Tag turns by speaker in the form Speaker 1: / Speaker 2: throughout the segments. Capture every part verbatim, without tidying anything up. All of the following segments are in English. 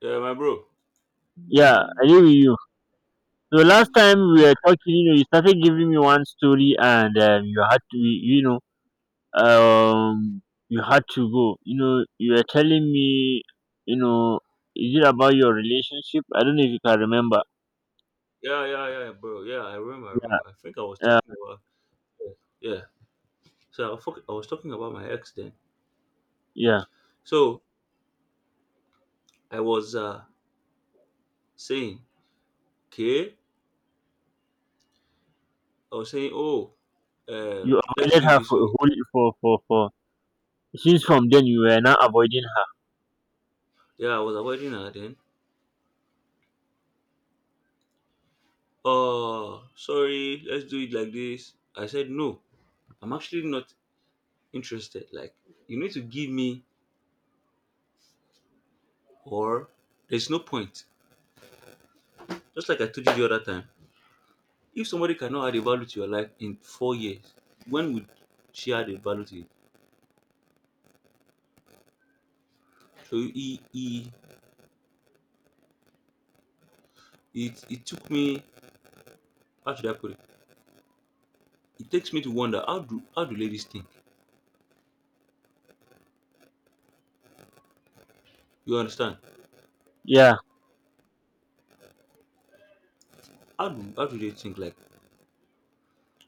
Speaker 1: Yeah, my bro.
Speaker 2: Yeah, I agree with you. So last time we were talking, you know, you started giving me one story, and um, you had to, you know, um, you had to go. You know, you were telling me, you know, is it about your relationship? I don't know if you can remember.
Speaker 1: Yeah, yeah, yeah, bro. Yeah, I remember. I remember. I think I was
Speaker 2: Yeah,
Speaker 1: talking about. Yeah. So I, was talk- I was talking about my ex then.
Speaker 2: yeah.
Speaker 1: So I was uh saying, okay, I was saying, oh,
Speaker 2: You
Speaker 1: um, let's
Speaker 2: avoided
Speaker 1: do it
Speaker 2: her
Speaker 1: this
Speaker 2: for a
Speaker 1: way.
Speaker 2: whole for for for. Since from then you were not avoiding her.
Speaker 1: Yeah, I was avoiding her then. Oh, sorry, let's do it like this. I said no. I'm actually not interested. Like, you need to give me, or there's no point. Just like I told you the other time. If somebody cannot add a value to your life in four years, when would she add a value to it? So he, he, it, it took me, how should I put it? It takes me to wonder how do how do ladies think? You understand?
Speaker 2: Yeah.
Speaker 1: How do how do they think like?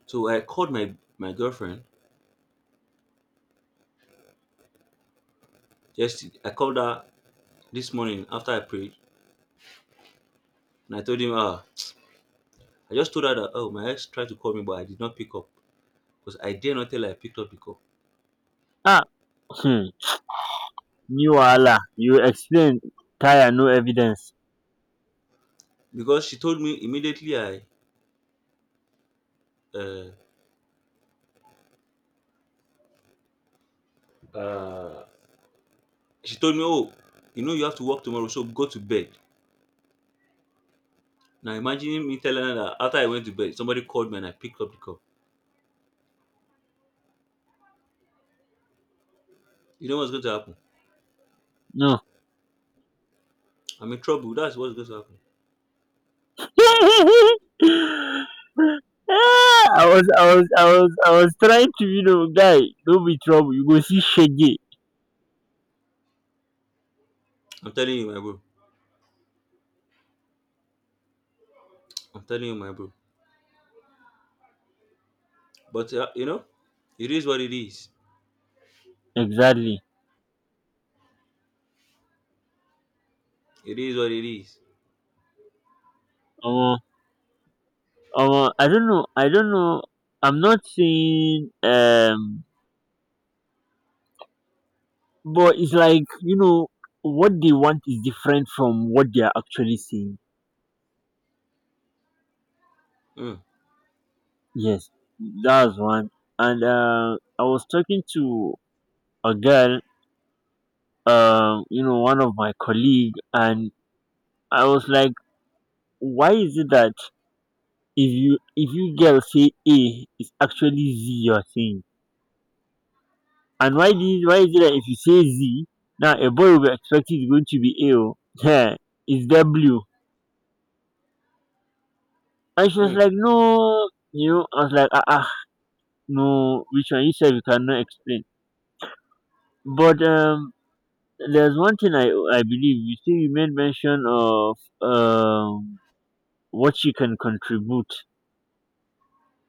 Speaker 1: So I called my my girlfriend just I called her this morning after I prayed and I told him ah I just told her that oh my ex tried to call me but I did not pick up because I dare not tell her I picked up because
Speaker 2: Ah. Hmm. New Allah. You explain. Tire. No evidence.
Speaker 1: because she told me immediately I uh, uh She told me, "Oh, you know you have to work tomorrow, so go to bed." Now imagine me telling her that after I went to bed, somebody called me and I picked up the cup. You know what's going to happen?
Speaker 2: No.
Speaker 1: I'm in trouble. That's what's going to happen.
Speaker 2: I was I was I was I was trying to, you know, guy, don't be trouble, you go see shege.
Speaker 1: I'm telling you, my bro. I'm telling you, my bro. But uh, you know, it is what it is.
Speaker 2: Exactly.
Speaker 1: It is what it is.
Speaker 2: Omo, omo I don't know, I don't know I'm not saying, um but it's like, you know, what they want is different from what they are actually seeing.
Speaker 1: Mm,
Speaker 2: Yes, that's one. And uh, I was talking to a girl, um you know, one of my colleague, and I was like, why is it that if you if you girl say A, it's actually Z you're saying. And why did why is it that if you say Z, now a boy will be expected it's going to be A? Oh yeah, it's W. And she was
Speaker 1: mm.
Speaker 2: like no, you know, I was like ah ah, no, which one? You said you cannot explain. But um there's one thing I I believe you say you made mention of, um what she can contribute,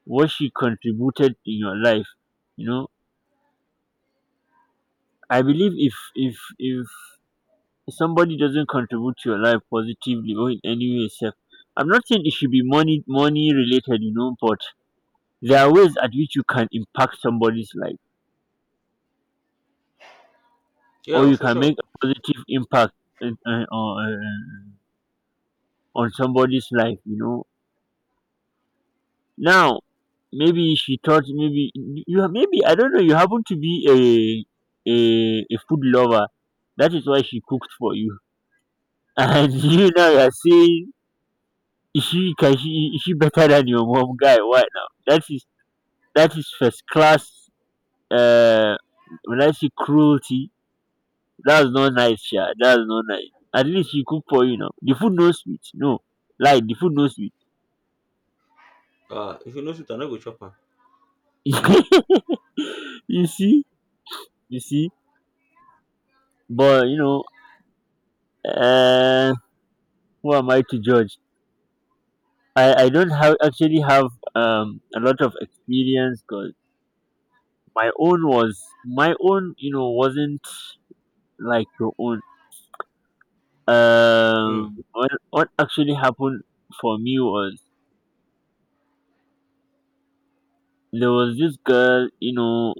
Speaker 2: what she contributed in your life, you know. I believe if if if if somebody doesn't contribute to your life positively or in any way self, I'm not saying it should be money money related, you know, but there are ways at which you can impact somebody's life,
Speaker 1: Yeah,
Speaker 2: or
Speaker 1: oh,
Speaker 2: you
Speaker 1: for
Speaker 2: can make
Speaker 1: sure.
Speaker 2: a positive impact uh, uh, on uh, uh, on somebody's life, you know. Now maybe she thought, maybe you have, maybe I don't know, you happen to be a a, a food lover, that is why she cooked for you. And you know, you're saying she can, she she better than your mom, guy, right now. That is, that is first class. uh when I say cruelty, that's not nice, yeah. That's not nice. At least she cook for you now. The food no sweet. No. Like the food no sweet.
Speaker 1: Uh, if you know it, I no go chop am.
Speaker 2: You see? You see? But you know, uh who am I to judge? I, I don't have actually have, um a lot of experience, because my own was my own, you know, wasn't like your own. Um,
Speaker 1: Mm,
Speaker 2: what what actually happened for me was, there was this girl, you know,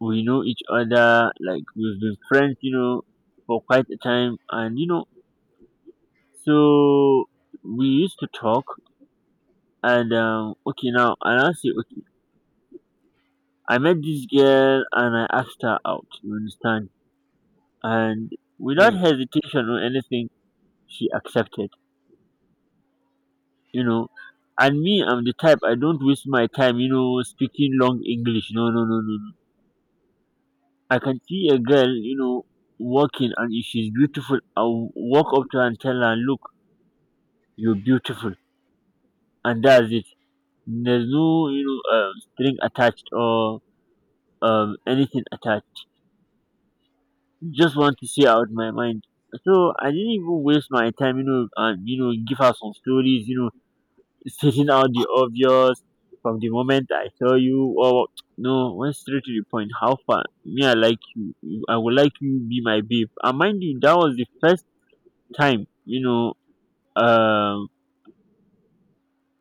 Speaker 2: we know each other, like we've been friends, you know, for quite a time, and you know, so we used to talk, and um, okay, now and I say, okay, I met this girl and I asked her out, you understand, and without
Speaker 1: mm,
Speaker 2: hesitation or anything, she accepted, you know, and me, I'm the type, I don't waste my time, you know, speaking long English. No, no, no, no, no. I can see a girl, you know, walking, and if she's beautiful, I'll walk up to her and tell her, look, you're beautiful. And that's it. There's no, you know, um, string attached, or um, anything attached. Just want to see out my mind. So I didn't even waste my time, you know, and, you know, give her some stories, you know, stating out the obvious from the moment I saw you, or no, went straight to the point. How far? Me, I like you. You- I would like you be my babe. And mind you, that was the first time, you know, um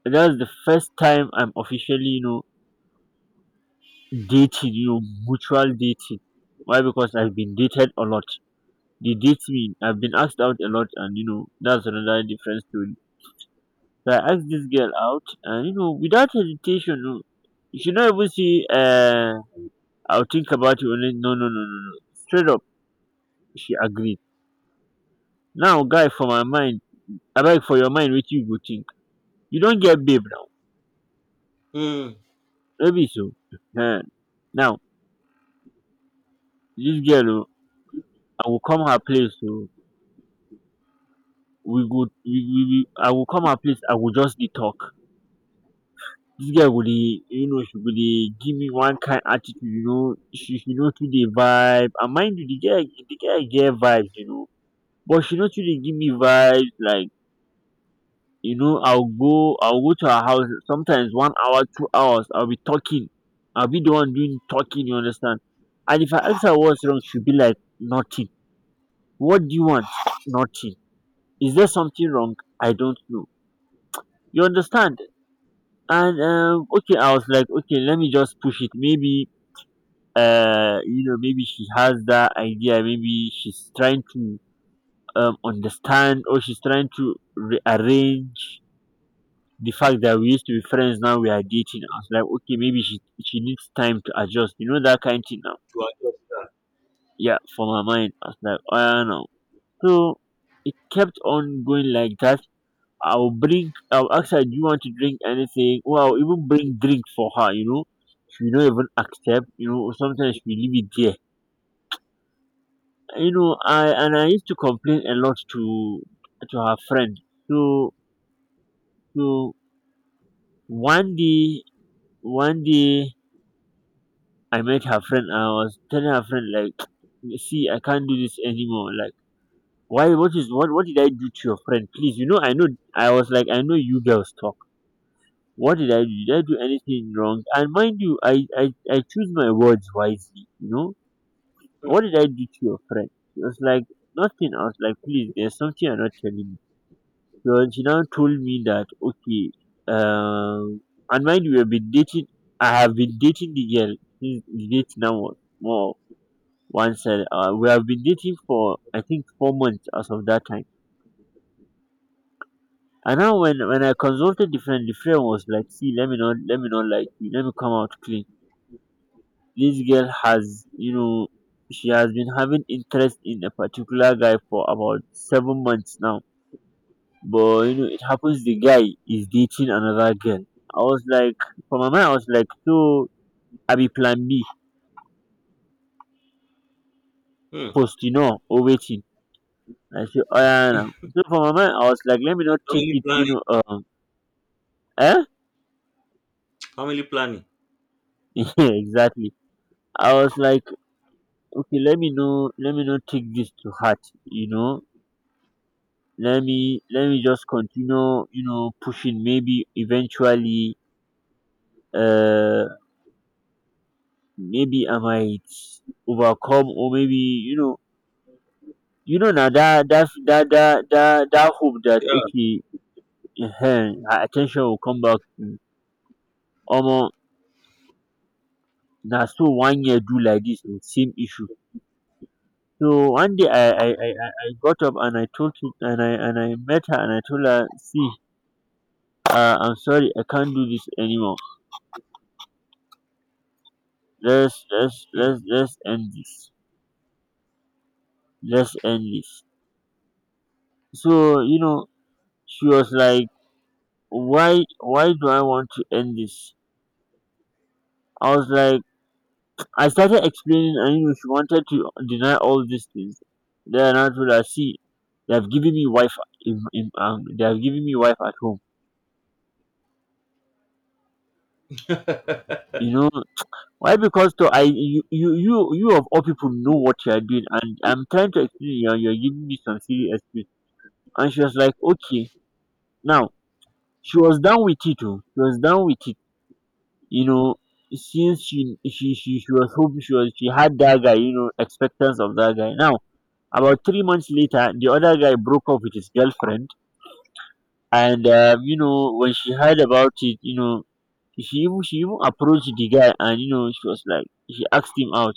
Speaker 2: that's the first time I'm officially, you know, dating, you know, mutual dating. Why? Because I've been dated a lot, they date me, I've been asked out a lot, and you know, that's another different story. So I asked this girl out, and you know, without hesitation you, she not even say, uh I'll think about it only. No, no, no, no, no, straight up, she agreed. Now guy, for my mind, I beg, for your mind what you go think? You don't get babe now,
Speaker 1: mm.
Speaker 2: maybe. So uh, now, this girl oo, I will come her place oo, we go we we we, I will come her place, I will just dey talk. This girl go dey, you know, she go dey give me one kind attitude, you know, she she no too dey vibe, and mind you, the girl the girl get vibes, you know, but she no too dey give me vibes like, you know, i will go I will go to her house sometimes one hour two hours, I will be talking, I will be the one doing talking, you understand. And if I ask her what's wrong, she will be like nothing. What do you want? Nothing. Is there something wrong? I don't know, you understand. And um okay, I was like okay, let me just push it, maybe uh you know, maybe she has that idea, maybe she's trying to, um understand, or she's trying to rearrange the fact that we used to be friends, now we are dating. I was like, okay, maybe she she needs time to adjust, you know, that kind of thing now.
Speaker 1: To adjust that.
Speaker 2: Yeah, for my mind I was like, I don't know. So it kept on going like that. I'll bring, I'll ask her, do you want to drink anything? Or I'll even bring drink for her, you know. She will not even accept, you know. Sometimes she leave it there. You know, I and I used to complain a lot to to her friend. So, so one day, one day I met her friend. And I was telling her friend like, see, I can't do this anymore. Like, why? What is what? What did I do to your friend? Please, you know, I know. I was like, I know you girls talk. What did i do did I do anything wrong? And mind you, i i, I choose my words wisely, you know. What did I do to your friend? She was like nothing. I was like, please, there's something you're not telling me. So she now told me that, okay, um and mind you, we've been dating, I have been dating the girl since the date now was more once, uh, we have been dating for I think four months as of that time. And now, when when I consulted the friend, the friend was like, see, let me not, let me not like you, let me come out clean. This girl has, you know, she has been having interest in a particular guy for about seven months now. But you know, it happens, the guy is dating another girl. I was like, for my mind I was like, so I be plan B
Speaker 1: Mm.
Speaker 2: post, you know, or waiting. I say oh, yeah, now, so for my mind I was like, let me not take
Speaker 1: Family
Speaker 2: it, you
Speaker 1: planning.
Speaker 2: know, um eh,
Speaker 1: Family planning.
Speaker 2: yeah, exactly. I was like, okay, let me know, let me not take this to heart, you know, let me, let me just continue, you know, pushing. Maybe eventually, uh maybe I might overcome, or maybe you know, you know now that that that that that, that hope, that
Speaker 1: Yeah.
Speaker 2: okay, uh her attention will come back to me. Omo, na so one year do like this with same issue. So one day I, I i i I got up and I told to, and i and I met her and I told her, see, uh, I'm sorry I can't do this anymore. Let's, let's
Speaker 1: Mm,
Speaker 2: let's let's end this. Just end this. So, you know, she was like, why, why do I want to end this? I was like, I started explaining, and you know, she wanted to deny all these things. Then I told her, see, they have given me wife in, in, um they have given me wife at home. You know why? Because to I, you you you you of all people know what you are doing, and I'm trying to explain you, and you're giving me some serious excuse. And she was like, okay. Now she was down with it. Oh, she was down with it, you know, since she she she, she was hoping she was she had that guy, you know, expectance of that guy now. About three months later the other guy broke up with his girlfriend, and um, you know, when she heard about it, you know, she even she even approached the guy, and you know she was like she asked him out,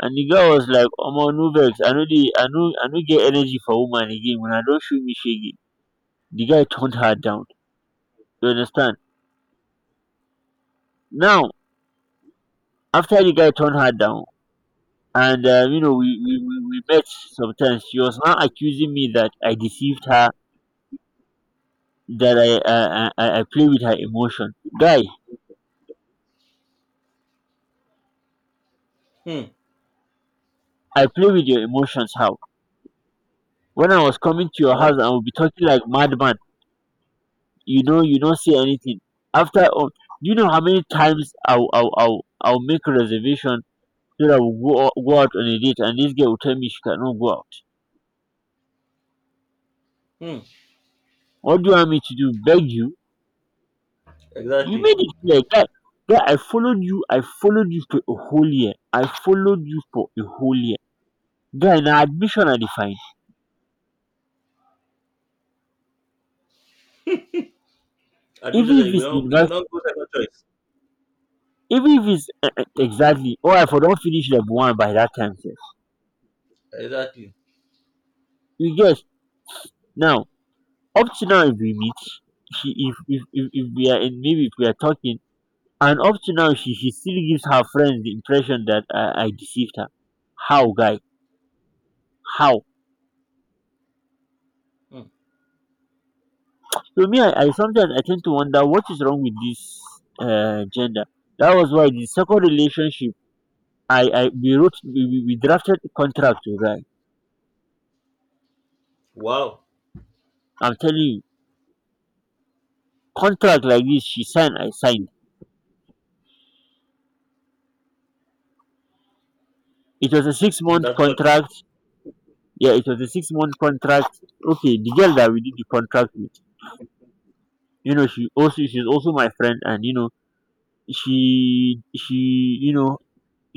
Speaker 2: and the guy was like omo no vex I know the I know I know get energy for woman again. When I don't show me shege, the guy turned her down. You understand? Now, after the guy turned her down and uh, you know, we, we we we met. Sometimes she was now accusing me that I deceived her, that i i i, I play with her emotion, guy.
Speaker 1: mm.
Speaker 2: I play with your emotions how? When I was coming to
Speaker 1: I
Speaker 2: your
Speaker 1: want.
Speaker 2: house I would be talking like madman. You know, you don't say anything. After all, do you know how many times i'll i'll i'll, I'll make a reservation so that we'll go, o- go out on a date, and this girl will tell me she cannot go out.
Speaker 1: Mm.
Speaker 2: What do you want me to do, beg you? You
Speaker 1: Exactly.
Speaker 2: made it clear, guy. Guy, I followed you. I followed you for a whole year. I followed you for a whole year. Guy, now admission I define.
Speaker 1: Admission
Speaker 2: Even if
Speaker 1: said you could
Speaker 2: it's
Speaker 1: not you could
Speaker 2: university,
Speaker 1: not go second choice.
Speaker 2: even if it's eh, eh, exactly, or I for don't finish level one by that time, sef.
Speaker 1: Exactly.
Speaker 2: You get now. Up to now, if we meet, she if if if, if we are in, maybe if we are talking, and up to now, she she still gives her friends the impression that I, I deceived her. How, guy? How?
Speaker 1: Hmm.
Speaker 2: So me, I, I sometimes I tend to wonder what is wrong with this uh, gender. That was why the second relationship, I, I we wrote, we, we we drafted a contract, right.
Speaker 1: Wow.
Speaker 2: I'm telling you, contract like this, she signed, I signed. It was a six month
Speaker 1: That what?
Speaker 2: contract. Yeah, it was a six month contract. Okay, the girl that we did the contract with, you know, she also she's also my friend, and you know, she she you know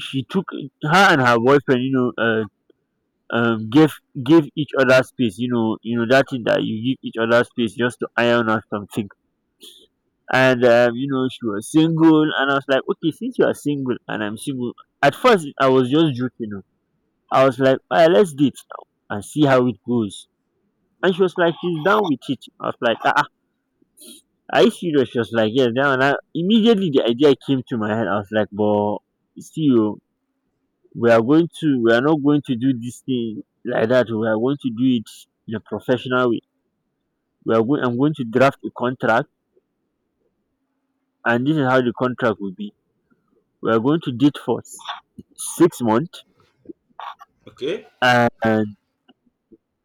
Speaker 2: she took her and her boyfriend, you know, uh, um give give each other space, you know, you know that thing that you give each other space just to iron out something. And um, you know, she was single and I was like, okay, since you are single and I'm single. At first I was just joking you. I was like, all right, let's date now and see how it goes. And she was like she's down with it. I was like, ah ah, are you serious? She was like yes, down. And I, immediately the idea came to my head. I was like, but see oh, we are going to, we are not going to do this thing like that oh, we are going to do it in a professional way. We are going, I'm going to draft a contract, and this is how the contract will be. We are going to date for six months,
Speaker 1: Okay.
Speaker 2: and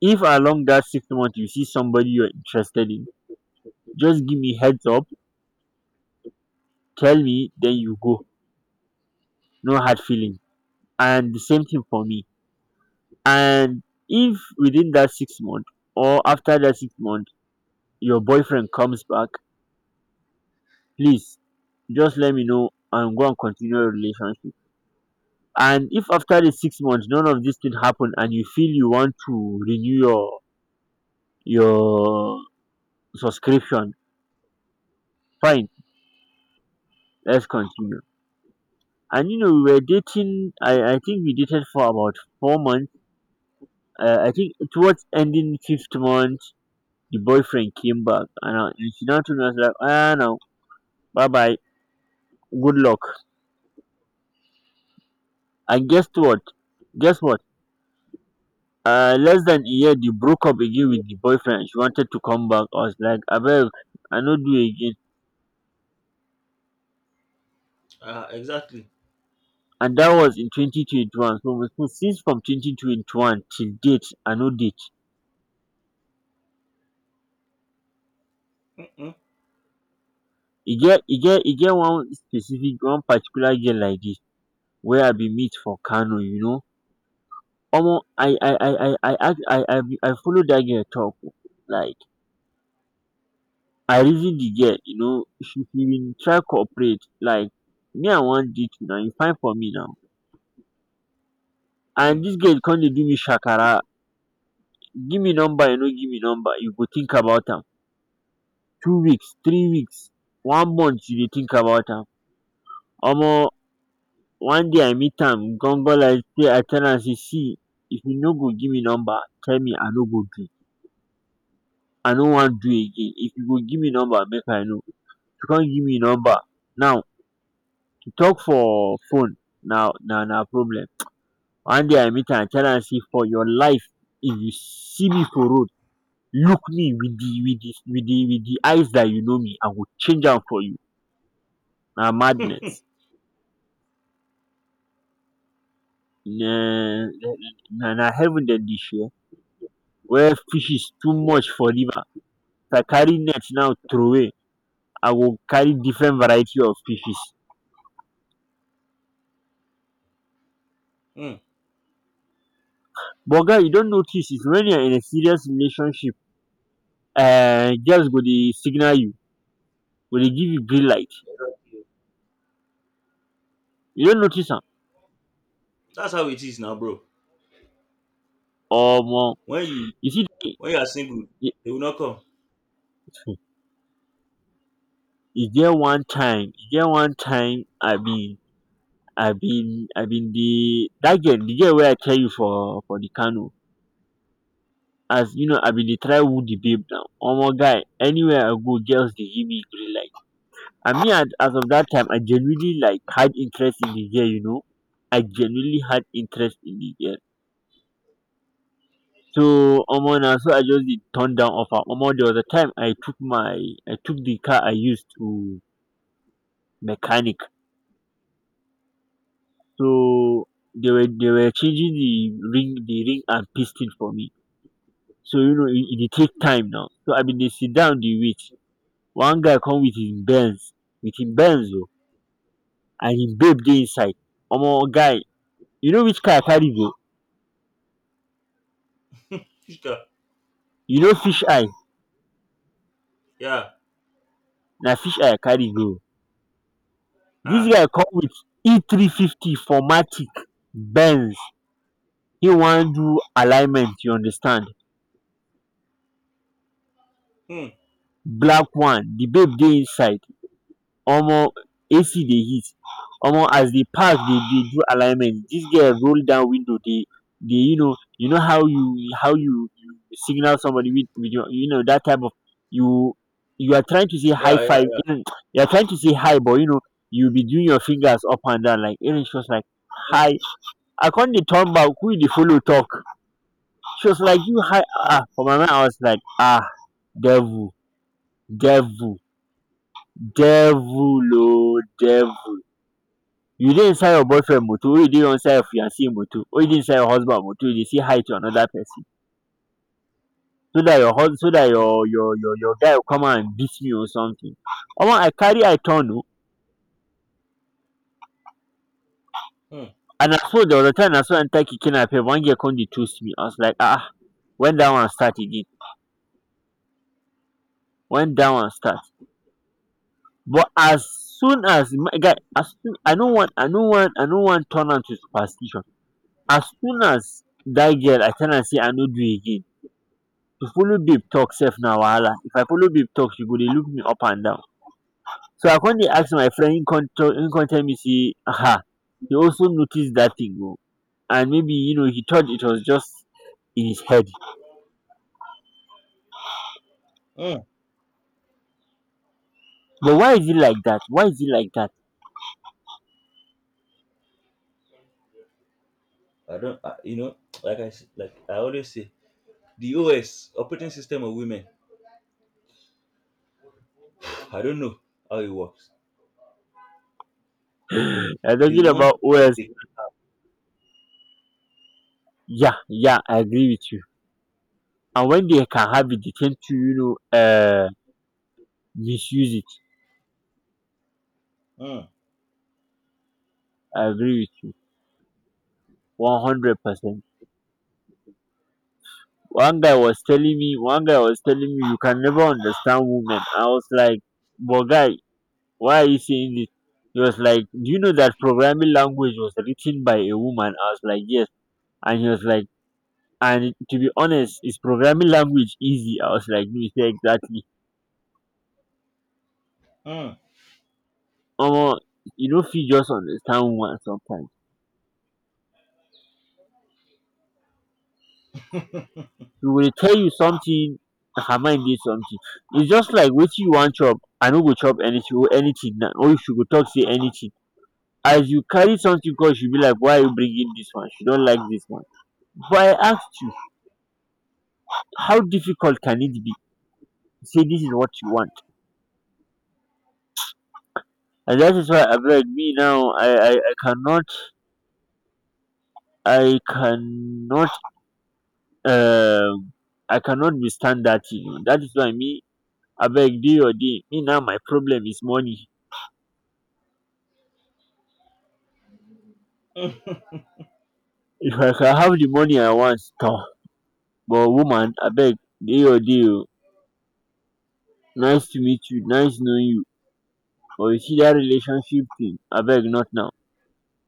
Speaker 2: if along that six months you see somebody you're interested in, just give me heads up. Tell me, then you go. No hard feeling. And the same thing for me. And if within that six months or after that six months your boyfriend comes back, please just let me know and go and continue your relationship. And if after the six months none of this thing happen and you feel you want to renew your your subscription, fine, let's continue. And you know we were dating, I I think we dated for about four months. uh, I think towards ending fifth month the boyfriend came back, and, I, and she now told me. I was like, ah, no, bye bye, good luck. And guess what? Guess what? uh less than a year they broke up again with the boyfriend. She wanted to come back. I was like, abeg, I no do again.
Speaker 1: Ah, exactly.
Speaker 2: And dat was in twenty twenty one, so must know. Since from twenty twenty one till date I no date.
Speaker 1: Mm-mm,
Speaker 2: e get e get e get one specific one particular girl like dis wey I bin meet for kano, you know. Omo I I I I I ask, i I bin I follow dat girl talk oo. Like, I reason the girl, you know. she she bin try cooperate. Like, me I wan date una, you fine for me now. And
Speaker 1: mm,
Speaker 2: dis girl come dey do me shakara. Give me number, you no give me number, you go think about am. Two weeks, three weeks, one month you dey think about am. Omo, one day I meet am gan-gan like say I tell am say, see, if you no go give me number, tell me, I no go do. I no wan do again. If you go give me number, make I know. If you come give me number now, to talk for phone, na na na problem. One day I meet am I tell am say, for your life, if you see me for road, look me with the with the with the with the eyes that you know me, I go change am for you. Na madness. Na na na heaven dem dey share, where fishes too much for river. If I carry net now trowey, I go carry different variety of fishes.
Speaker 1: mm.
Speaker 2: But guy, you don notice, is when you are in a serious relationship, um girls go dey signal you, go dey give you green light. You don notice am?
Speaker 1: That's how it is now, bro.
Speaker 2: Omo,
Speaker 1: When you
Speaker 2: you see e.
Speaker 1: when you are single, they will not come.
Speaker 2: e get one time e get one time I bin I bin I bin dey dat girl, the girl wey I tell you for for the kano. As you know, I been dey try woo the babe now. Omo guy, anywhere I go girls dey give me green light. And me, at as of that time I genuinely like had interest in the girl, you know. I genuinely had interest in the girl. So omo, na so I just dey turn down offer. Omo, there was a time I took my, I took the car I used to mechanic. So they were they were changing the ring, the ring and piston for me. So you know it it dey take time now, so I bin dey sit down dey wait. One guy come with him benz, with him benz o, and him babe dey inside. Omo guy, you know which car I carry go?
Speaker 1: Chika,
Speaker 2: You know fish eye?
Speaker 1: yeah.
Speaker 2: Na fish eye I carry go o. Dis
Speaker 1: Ah.
Speaker 2: guy come with E three fifty for matic benz. Him wan do alignment, you understand.
Speaker 1: Mm.
Speaker 2: Black one. The babe dey inside. Omo, ac dey heat. um as the pass, dey dey do alignment, dis girl roll down window dey, dey you know, you know how you how you you signal somebody with with your, you know that type of, you you are trying to say high
Speaker 1: Yeah. Yeah.
Speaker 2: five,
Speaker 1: Yeah.
Speaker 2: um you are trying to say hi but you know you be doing your fingers up and down like, um she was like, hi. I con dey turn back, who you dey follow talk? She was like, you, hi. Ah, for my mind I was like, ah, devil, devil, devil, ooo devil. You dey inside your boyfriend motor wey you dey inside your fiancee motor or you dey inside your husband motor, you dey say hi to another person? So dat your hus, so dat
Speaker 1: Mm,
Speaker 2: your your your your guy go come and beat me or something. Omo I carry eye turn oo.
Speaker 1: mm,
Speaker 2: And na so dey return, na so I enter keke napep, one girl come dey toast me, I was like, ah, when dat one start again? When dat one start? But as soon as my guy, as soon, i no wan i no wan I no wan turn am to superstition. As soon as dat girl, I tell am sey I no do again. To follow babe talk sef na wahala. If I follow babe talk she go dey look me up and down. So I con dey ask my friend, im con tell, im con tell me sey um he also notice that thing oo. And maybe you know he thought it was just in his head.
Speaker 1: mm.
Speaker 2: But why is it like that? Why is it like that?
Speaker 1: I don't. I, you know, like I s- like I always say, the O S operating system of women. I don't know how it works.
Speaker 2: I are
Speaker 1: They
Speaker 2: talking about
Speaker 1: want what
Speaker 2: O S.
Speaker 1: they
Speaker 2: Yeah, yeah, I agree with you. And when they can have it they tend to, you know, um misuse it.
Speaker 1: want.
Speaker 2: I agree with you one hundred percent. one guy was telling me one guy was telling me, you can never understand women. I was like, but guy, why are you saying this? He was like, do you know that programming language was written by a woman? I was like, yes. And he was like, and to be honest, is programming language easy? I was like, no. He said, exactly.
Speaker 1: Mm, mm.
Speaker 2: Omo, you no fit just understand woman sometimes. She will tell you something, her mind did something. It's just like wetin you wan chop, I no go chop anything or anything now, or if she go talk say anything, as you carry something, cause she be like, why are you bringing this one, she don't like this one. But I asked you, how difficult can it be, say this is what you want? And that is why I beg, me now, i i, I cannot. I cannot, um I cannot withstand that thing. That is why me, I beg, do or day me now. My problem is money. If I can have the money I want, toh. But woman, abeg, do your day o. Nice to meet you, nice knowing you. But you see that relationship thing, I beg, not now.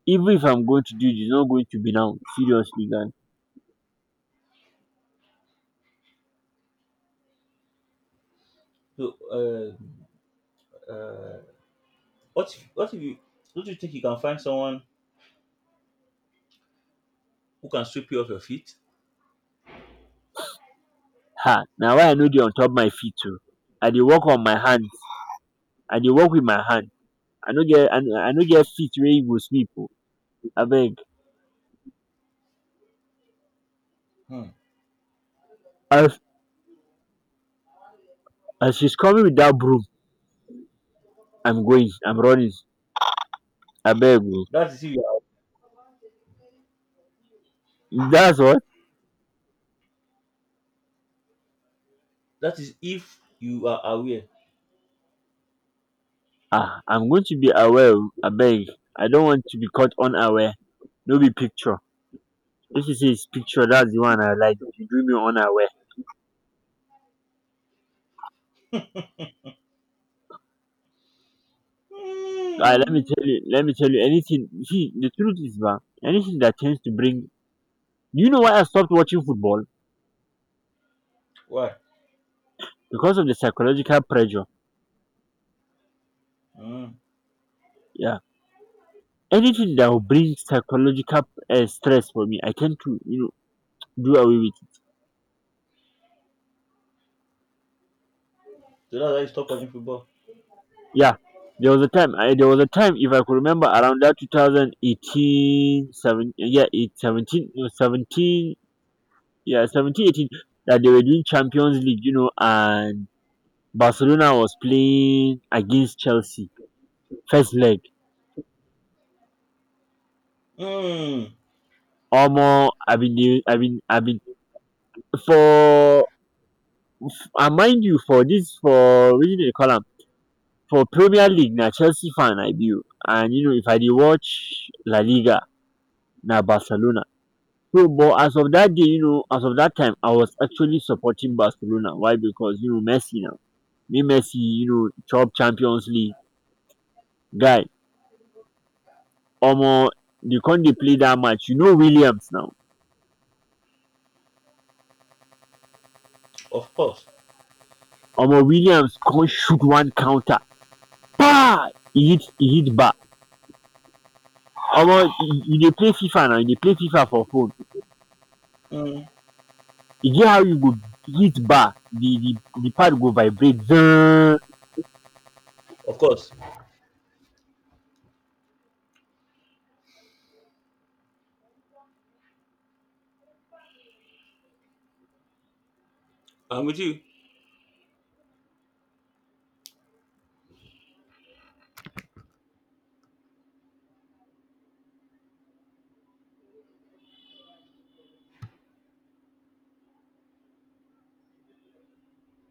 Speaker 2: Even if I'm going to do it, it's not going to be now, seriously, guy.
Speaker 1: So uh, uh, What if, what if you don't you think you can find someone who can sweep you off your feet?
Speaker 2: Ha. Now why, I no dey on top my feet too. I dey work on my hands. I dey work with my hand. i no get i I no get feet wey e go sleep oo, abeg.
Speaker 1: Hmm.
Speaker 2: As as she's coming with that broom, I'm going, I'm running, abeg oo.
Speaker 1: That is if you are,
Speaker 2: That's what.
Speaker 1: that is if you are aware.
Speaker 2: Ah, I'm going to be aware oo, abeg. I don't want to be caught unaware. No be picture. If you say its picture, that's the one I like, you do me unaware. I let me
Speaker 1: Mm.
Speaker 2: tell you, let me tell you, anything. You see, the truth is, man, anything that tends to bring. You know why I stopped watching football?
Speaker 1: Why?
Speaker 2: Because of the psychological pressure.
Speaker 1: Mm.
Speaker 2: Yeah. Anything that will bring psychological uh, stress for me, I tend to, you know, do away with it.
Speaker 1: So that's why you stop watching football.
Speaker 2: Yeah. There was a time, I, there was a time, if I could remember, around that two thousand eighteen seven. Yeah, it, seventeen, no, seventeen, yeah, seventeen eighteen. That they were doing Champions League, you know, and Barcelona was playing against Chelsea, first leg.
Speaker 1: Mm.
Speaker 2: Omo I bin dey I bin I bin for, and mind you for dis for wetin dem dey call am, for premier league na Chelsea fan I be o. And you know if I dey watch La Liga na Barcelona. So but as of dat day, you know, as of dat time I was actually supporting Barcelona, why, because you know Messi now, make Messi you know chop champions league, guy. Omo dey come dey play dat match, you know Williams now,
Speaker 1: Of course.
Speaker 2: omo Williams come shoot one counter kpai, e hit e hit bar. Omo, you dey play FIFA now, you dey play FIFA for phone,
Speaker 1: Mm.
Speaker 2: e get how you go hit bar, the the the pad go vibrate zzzz.
Speaker 1: Of course. I'm with you.